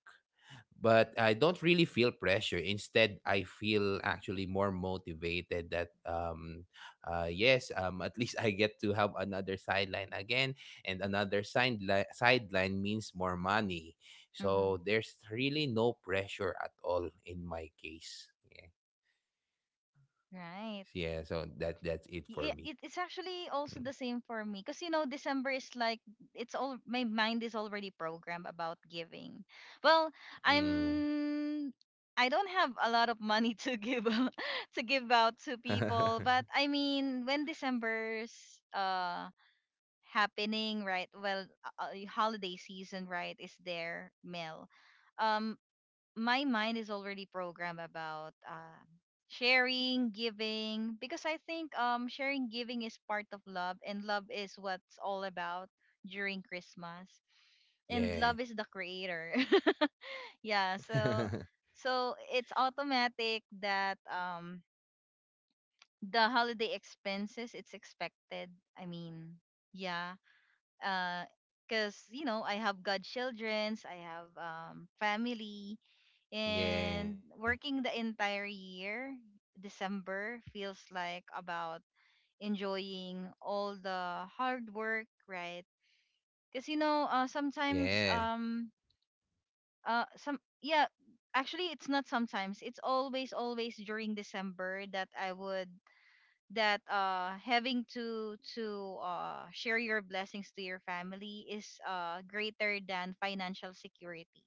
but I don't really feel pressure. Instead, I feel actually more motivated that yes, at least I get to have another sideline again, and another sideline means more money. So
Mm-hmm.
there's really no pressure at all in my case. Yeah.
Right.
Yeah, so that that's it for me.
It's actually also the same for me because you know December is like it's all my mind is already programmed about giving. Well,
Mm.
I'm I don't have a lot of money to give out, to give out to people,
Mm.
but I mean when December's uh happening, right? Well, holiday season, right, is there, Mel. Um, my mind is already programmed about sharing, giving, because I think sharing, giving is part of love, and love is what's all about during Christmas, and love
Yeah.
is the creator. Yeah, so so it's automatic that the holiday expenses it's expected. I mean, yeah, because you know I have godchildrens, I have family,
Yeah.
and working the entire year, December feels like about enjoying all the hard work, right? Because you know, sometimes
Yeah.
some yeah, actually it's not sometimes it's always during December that I would that having to share your blessings to your family is greater than financial security,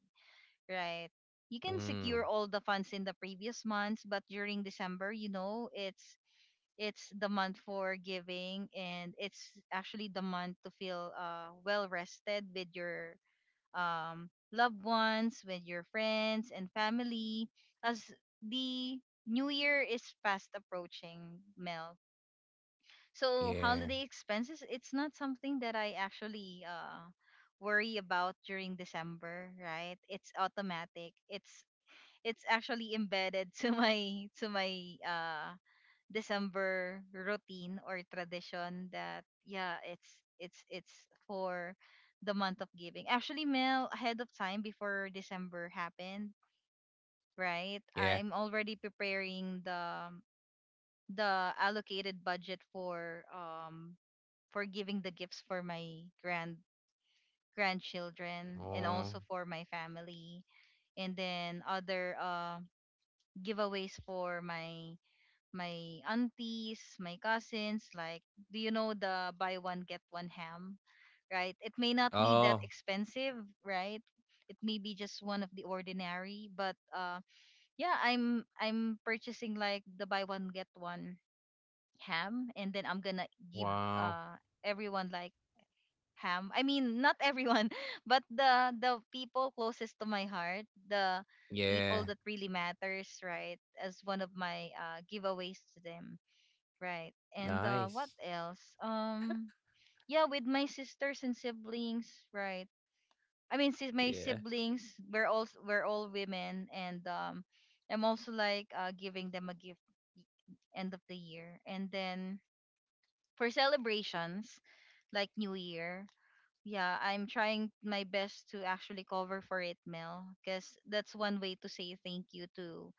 right? You can
Mm.
secure all the funds in the previous months, but during December you know it's the month for giving, and it's actually the month to feel well rested with your loved ones, with your friends and family, as the new year is fast approaching, Mel. So
Yeah.
holiday expenses, it's not something that I actually worry about during December, right? It's automatic. It's actually embedded to my uh December routine or tradition, that yeah, it's for the month of giving. Actually, Mel, ahead of time before December happened, right?
Yeah.
I'm already preparing the allocated budget for giving the gifts for my grandchildren and
Oh.
also for my family, and then other giveaways for my my aunties my cousins, like do you know the buy one get one ham, right? It may not be that
Oh,
expensive, right? It may be just one of the ordinary, but yeah, I'm purchasing like the buy one get one ham, and then I'm gonna give
wow.
uh everyone like ham. I mean, not everyone, but the people closest to my heart, the people
Yeah,
that really matters, right? As one of my giveaways to them, right? And what
nice.
else? Yeah, with my sisters and siblings, right? I mean, my
Yeah.
siblings, we're all women, and I'm also like giving them a gift end of the year, and then for celebrations like New Year, yeah, I'm trying my best to actually cover for it, Mel, because that's one way to say thank you to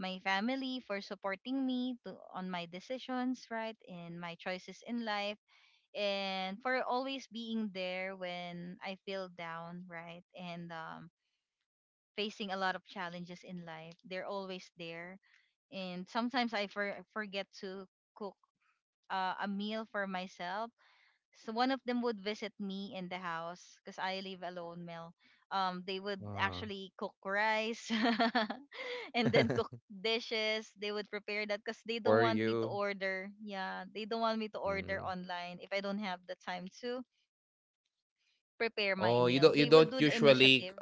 my family for supporting me to, on my decisions, right, and my choices in life, and for always being there when I feel down, right, and facing a lot of challenges in life. They're always there, and sometimes I forget to cook a meal for myself, so one of them would visit me in the house because I live alone, Mel. They would
Wow.
actually cook rice and then cook dishes. They would prepare that because they don't
For
want me to
you.
order. Yeah, they don't want me to order
Mm.
online if I don't have the time to prepare my
Oh, you
meal.
don't you
They would
don't
do the
usually
initiative.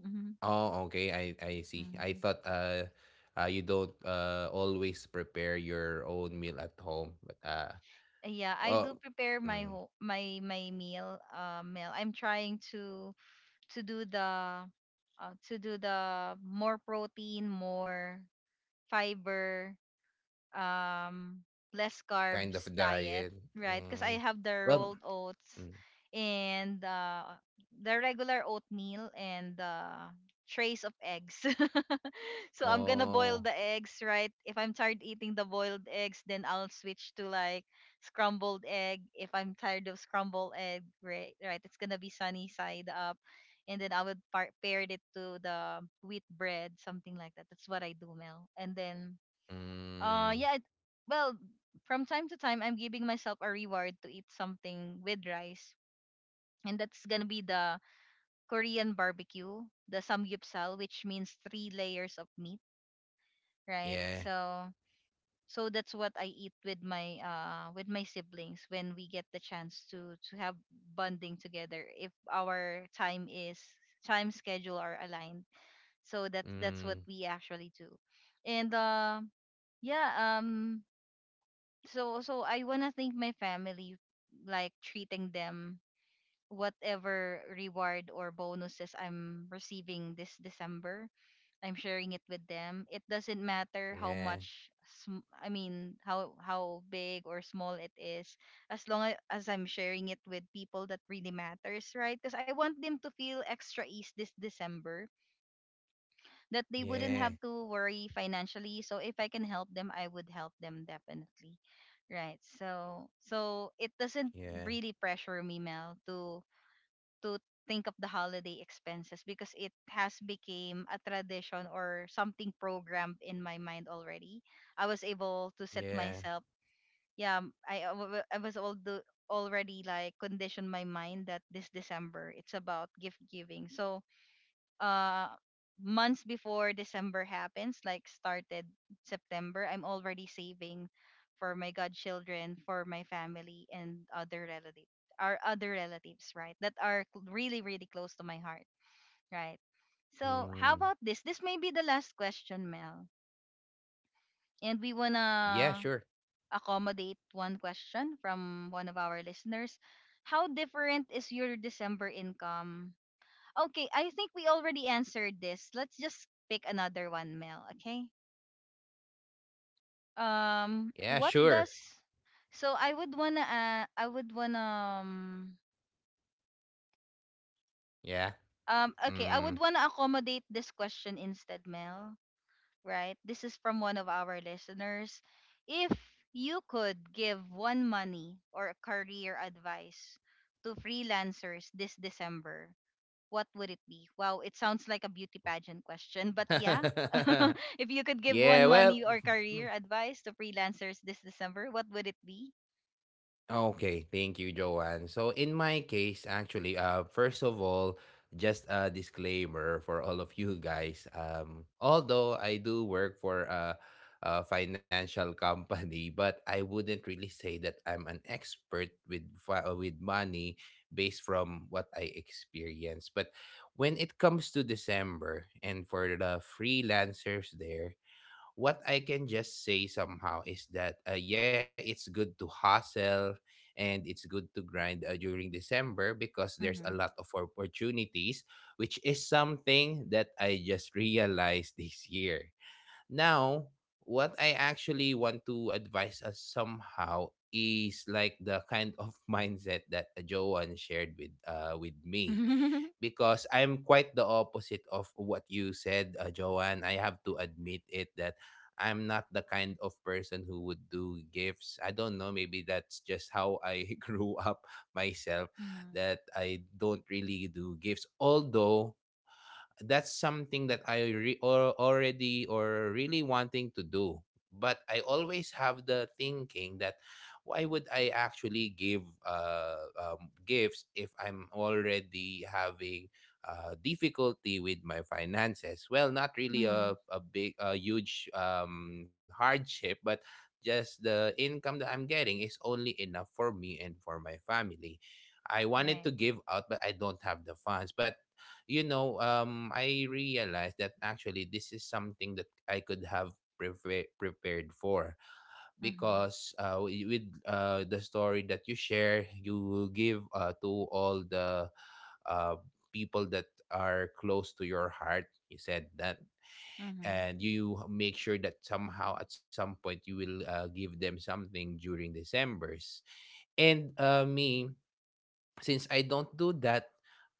Hmm.
Oh, okay. I see. I
Mm-hmm.
thought you don't always prepare your own meal at home, but
Yeah, I do
well,
prepare my
mm,
my meal. Meal. I'm trying to to do the to do the more protein, more fiber, um, less
kind of
carbs diet,
diet.
right? Because
Yeah.
I have the
Well,
rolled oats
mm,
and the regular oatmeal and trays of eggs. So I'm gonna boil
oh.
the eggs, right? If I'm tired eating the boiled eggs, then I'll switch to like scrambled egg. If I'm tired of scrambled egg, right? Right, it's gonna be sunny side up. And then I would pair it to the wheat bread, something like that. That's what I do, Mel. And then
Mm,
yeah. It, well, from time to time, I'm giving myself a reward to eat something with rice, and that's gonna be the Korean barbecue, the samgyeopsal, which means three layers of meat, right?
yeah.
So, so that's what I eat with my siblings when we get the chance to have bonding together. If our time schedule are aligned, so that's what
Mm,
we actually do, and yeah. So so I wanna thank my family like treating them whatever reward or bonuses I'm receiving this December. I'm sharing it with them. It doesn't matter how
yeah.
much I mean how big or small it is, as long as I'm sharing it with people that really matters, right? Cuz I want them to feel extra ease this December, that they wouldn't have
Yeah.
to worry financially. So if I can help them, I would help them definitely. Right. So so it doesn't
Yeah.
really pressure me, Mel, to think of the holiday expenses because it has became a tradition or something programmed in my mind already. I was able to set
Yeah.
myself. Yeah, I was all the already like conditioned my mind that this December it's about gift giving. So uh months before December happens, like started September, I'm already saving for my godchildren, for my family and other relative, our other relatives, right? That are really, really close to my heart, right? So how about
Mm.
this? This may be the last question, Mel. And we
Yeah, sure.
wanna accommodate one question from one of our listeners. How different is your December income? Okay, I think we already answered this. Let's just pick another one, Mel. Okay.
Yeah,
What
sure.
does? So I would wanna,
Yeah.
okay, I would
Mm.
wanna accommodate this question instead, Mel. Right? This is from one of our listeners. If you could give one money or career advice to freelancers this December, what would it be? Wow, it sounds like a beauty pageant question, but yeah. If you could give
yeah,
one money or career advice to freelancers this December, what would it be?
Okay, thank you, Joanne. So in my case, actually, first of all, just a disclaimer for all of you guys. Although I do work for a financial company, but I wouldn't really say that I'm an expert with with money based from what I experience. But when it comes to December and for the freelancers there, what I can just say somehow is that yeah, it's good to hustle and it's good to grind during December because there's a
Mhm.
lot of opportunities, which is something that I just realized this year. Now, what I actually want to advise us somehow is like the kind of mindset that Joan shared with me
Mhm.
because I'm quite the opposite of what you said, Joanne. I have to admit it that I'm not the kind of person who would do gifts. I don't know, maybe that's just how I grew up myself that I don't really do gifts. Although that's something that I re- or already or really wanting to do. But I always have the thinking that why would I actually give gifts if I'm already having difficulty with my finances? Well, not really
Mhm.
a big, a huge hardship, but just the income that I'm getting is only enough for me and for my family. I wanted
Right.
to give out, but I don't have the funds. But you know, I realized that actually this is something that I could have prepared for
Mhm.
because wi- with the story that you share, you give to all the uh, people that are close to your heart. You said that,
Mhm.
and you make sure that somehow at some point you will give them something during December's. And me, since I don't do that,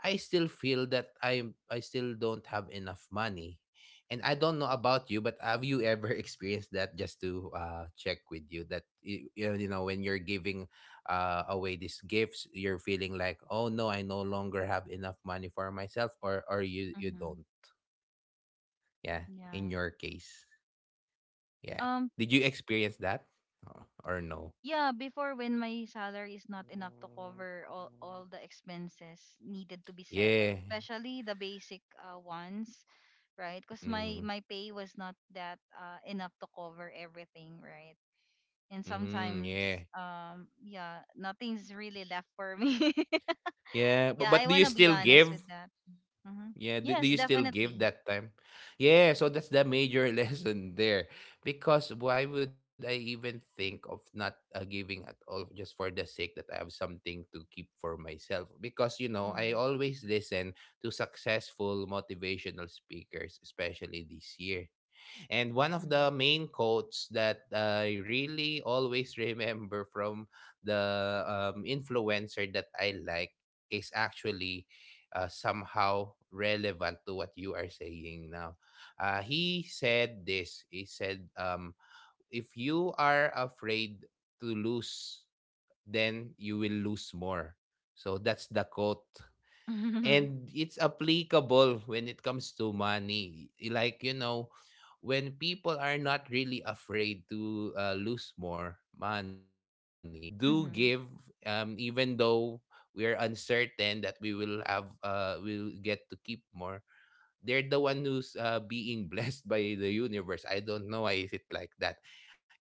I still feel that I still don't have enough money. And I don't know about you, but have you ever experienced that? Just to check with you that you know when you're giving away these gifts, you're feeling like, oh no, I no longer have enough money for myself, or you you
Mhm.
don't. Yeah, in
Yeah.
your case, yeah.
Um
Did you experience that, or no?
yeah, before when my salary is not enough to cover all the expenses needed to be settled,
Yeah.
especially the basic ones, right? Because my
Mm-hmm.
my pay was not that enough to cover everything, right? And
Mm-hmm.
sometimes
Yeah.
yeah, nothing's really left for me.
Yeah,
Yeah, I
but do
want
you
to be
still
honest with
give?
that hmm
Yeah,
yes,
do you still give
definitely.
that time? Yeah, so that's the major lesson there. Because why would I even think of not giving at all just for the sake that I have something to keep for myself? Because, you know, I
Mm-hmm.
always listen to successful motivational speakers, especially this year. And one of the main quotes that I really always remember from the influencer that I like is actually somehow relevant to what you are saying now. He said this. He said, if you are afraid to lose, then you will lose more. So that's the quote
Mm-hmm.
and it's applicable when it comes to money, like you know, when people are not really afraid to lose more money and do
Mm-hmm.
give, even though we are uncertain that we will have we'll get to keep more. They're the one who's being blessed by the universe. I don't know why is it like that.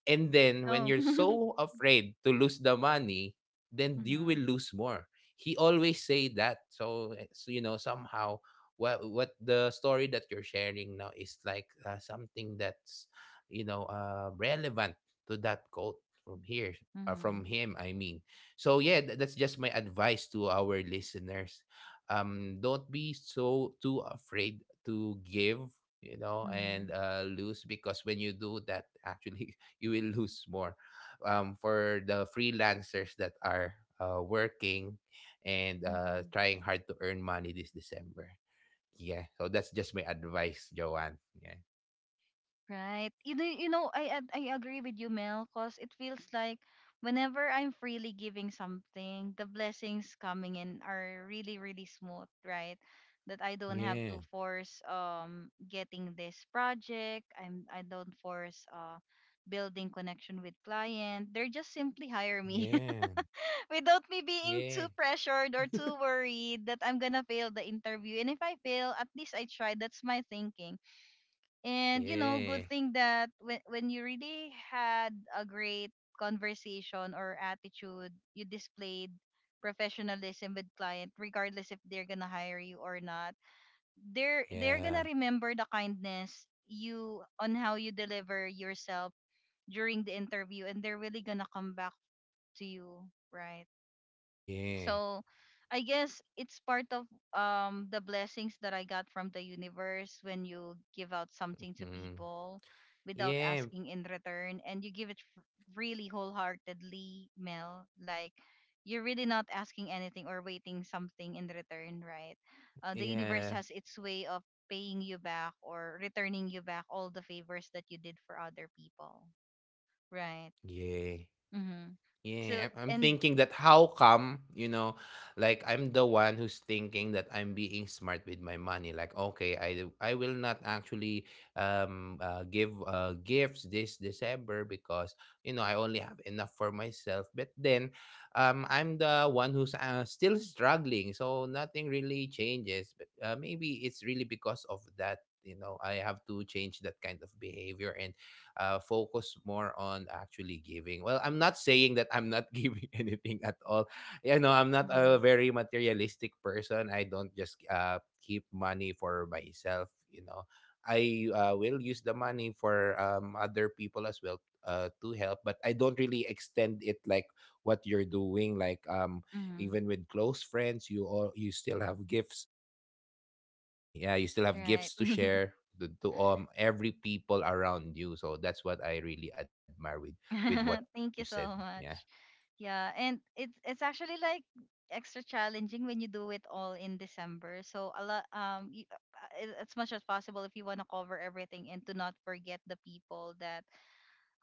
And then when
Oh.
you're so afraid to lose the money, then you
Mm-hmm.
will lose more. He always say that. So, you know, somehow what the story that you're sharing now is like something that's, you know, relevant to that quote from here, from
Mm-hmm.
him I mean. So yeah, that's just my advice to our listeners. Don't be so too afraid to give, you know, and
Mm-hmm.
lose, because when you do that actually you will lose more, for the freelancers that are working and
Mm-hmm.
trying hard to earn money this December. Yeah, so that's just my advice, Joanne. Yeah.
Right. You know, I agree with you, Mel, because it feels like whenever I'm freely giving something, the blessings coming in are really, really smooth, right? That I don't have
Yeah.
to force getting this project. I don't force building connection with client. They're just simply hire me
Yeah.
without me being too
Yeah.
pressured or too worried that I'm gonna fail the interview. And if I fail, at least I tried. That's my thinking, and you know, good
Yeah.
thing that when you really had a great conversation or attitude, you displayed professionalism with client, regardless if they're gonna hire you or not. They're gonna
Yeah.
remember the kindness you on how you deliver yourself during the interview, and they're really gonna come back to you, right?
Yeah.
So I guess it's part of the blessings that I got from the universe when you give out something to
Mm.
people without
Yeah.
asking in return and you give really wholeheartedly, Mel, like you're really not asking anything or waiting something in return, right? The universe
Yeah.
has its way of paying you back or returning you back all the favors that you did for other people, right?
Yeah.
Mhm.
Yeah,
So
I'm
and
thinking that how come, you know, like I'm the one who's thinking that I'm being smart with my money. Like, okay, I will not actually give gifts this December because you know I only have enough for myself. But then, I'm the one who's still struggling, so nothing really changes. But maybe it's really because of that. You know, I have to change that kind of behavior and focus more on actually giving. Well, I'm not saying that I'm not giving anything at all. You know, I'm not a
mhm.
very materialistic person. I don't just keep money for myself. You know, I will use the money for other people as well to help, but I don't really extend it like what you're doing. Like
Mhm.
even with close friends, you still have gifts. Yeah, you still have
Right.
gifts to share to every people around you. So that's what I really admire with what you said.
Thank you so
Yeah,
much. Yeah, and it's actually like extra challenging when you do it all in December. So a lot you, as much as possible if you want to cover everything and to not forget the people that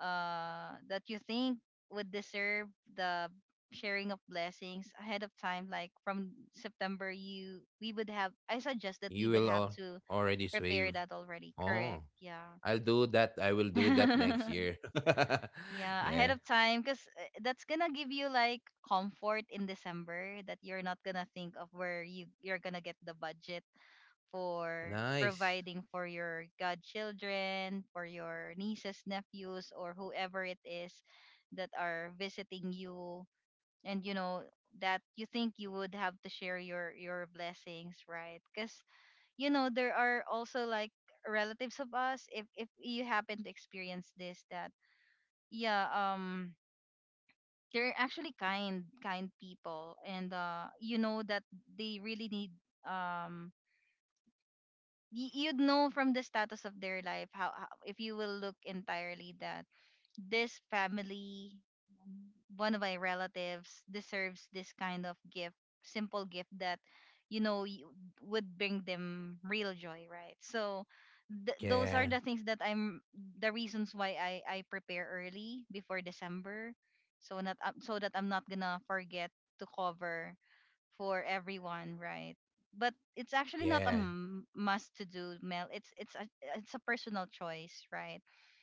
that you think would deserve the sharing of blessings ahead of time like from September you we would have I suggest that we
you
would
will
have
all
to
already
prepare
save.
that already.
Oh,
Correct. Yeah.
I'll do that. I will do that next year.
Yeah, ahead
Yeah.
of time because that's gonna give you like comfort in December that you're not gonna think of where you're gonna get the budget for
Nice.
providing for your godchildren, for your nieces, nephews, or whoever it is that are visiting you, and you know that you think you would have to share your blessings, right? Because you know there are also like relatives of us if you happen to experience this that yeah they're actually kind people and you know that they really need um you'd know from the status of their life how if you will look entirely that this family one of my relatives deserves this kind of gift, simple gift that you know you would bring them real joy, right? So those are
Yeah.
the things that I'm the reasons why I prepare early before December. So not so that I'm not gonna forget to cover for everyone, right? But it's actually not a
Yeah.
must to do, Mel. It's a it's a personal choice, right?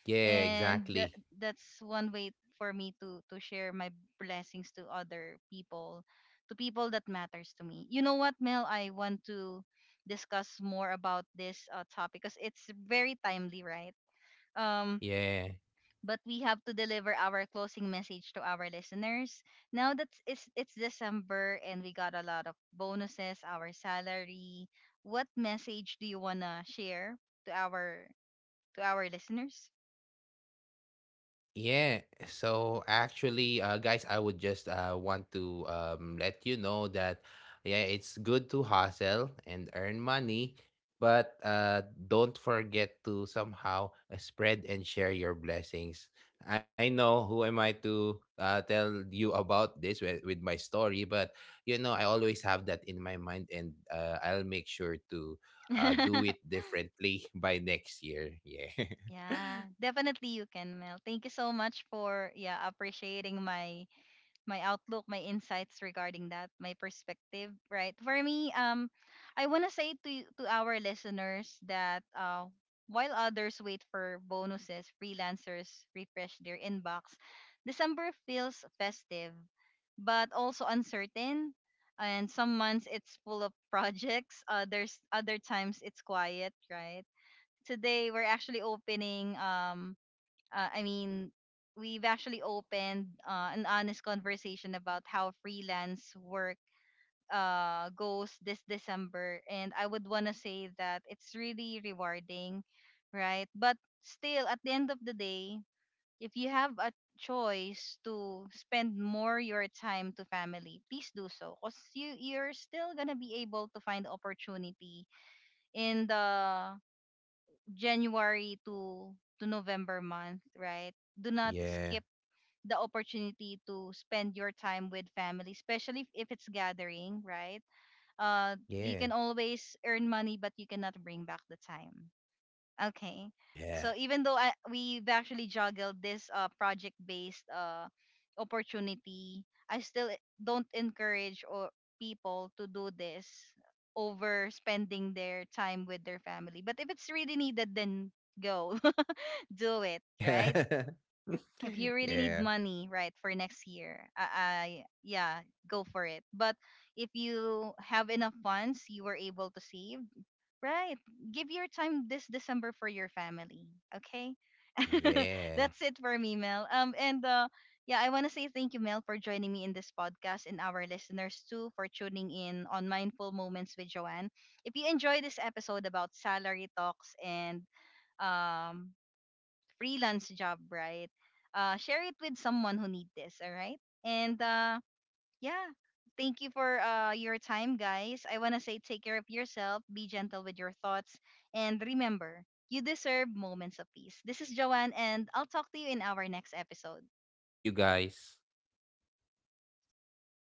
Yeah,
And
exactly.
that's one way for me to share my blessings to other people, to people that matters to me. You know what, Mel? I want to discuss more about this topic because it's very timely, right? Um,
Yeah.
but we have to deliver our closing message to our listeners. Now that's it's December and we got a lot of bonuses, our salary. What message do you wanna share to our to our listeners?
Yeah, so actually, guys, I would just want to let you know that, yeah, it's good to hustle and earn money, but don't forget to somehow spread and share your blessings. I know who am I to tell you about this with my story, but you know, I always have that in my mind, and I'll make sure to
Yeah,
do it differently by next year. Yeah.
definitely you can, Mel. Thank you so much for yeah appreciating my my outlook, my insights regarding that, my perspective, right? For me, I want to say to to our listeners that while others wait for bonuses, freelancers refresh their inbox. December feels festive, but also uncertain. And some months it's full of projects. Others, other times it's quiet, right? Today we're actually opening I mean, we've actually opened an honest conversation about how freelance work goes this December. And I would want to say that it's really rewarding, right? But still, at the end of the day, if you have a choice to spend more your time to family, please do so. Because you're still going to be able to find opportunity in the January to November month, right? Do not
yeah.
skip the opportunity to spend your time with family, especially if it's gathering, right? Uh, you can
Yeah.
always earn money, but you cannot bring back the time. Okay. So
Yeah.
even though we've actually juggled this project-based opportunity, I still don't encourage or people to do this over spending their time with their family. But if it's really needed, then go do it, right?
Yeah.
If you really
Yeah.
need money right for next year I yeah, go for it, but if you have enough funds you were able to save, right, give your time this December for your family. Okay.
Yeah.
That's it for me, Mel. And yeah, I want to say thank you, Mel, for joining me in this podcast and our listeners too for tuning in on Mindful Moments with Joanne. If you enjoy this episode about salary talks and um freelance job, right? Share it with someone who need this, all right? And yeah, thank you for your time, guys. I want to say take care of yourself, be gentle with your thoughts, and remember, you deserve moments of peace. This is Joanne, and I'll talk to you in our next episode.
Thank you guys.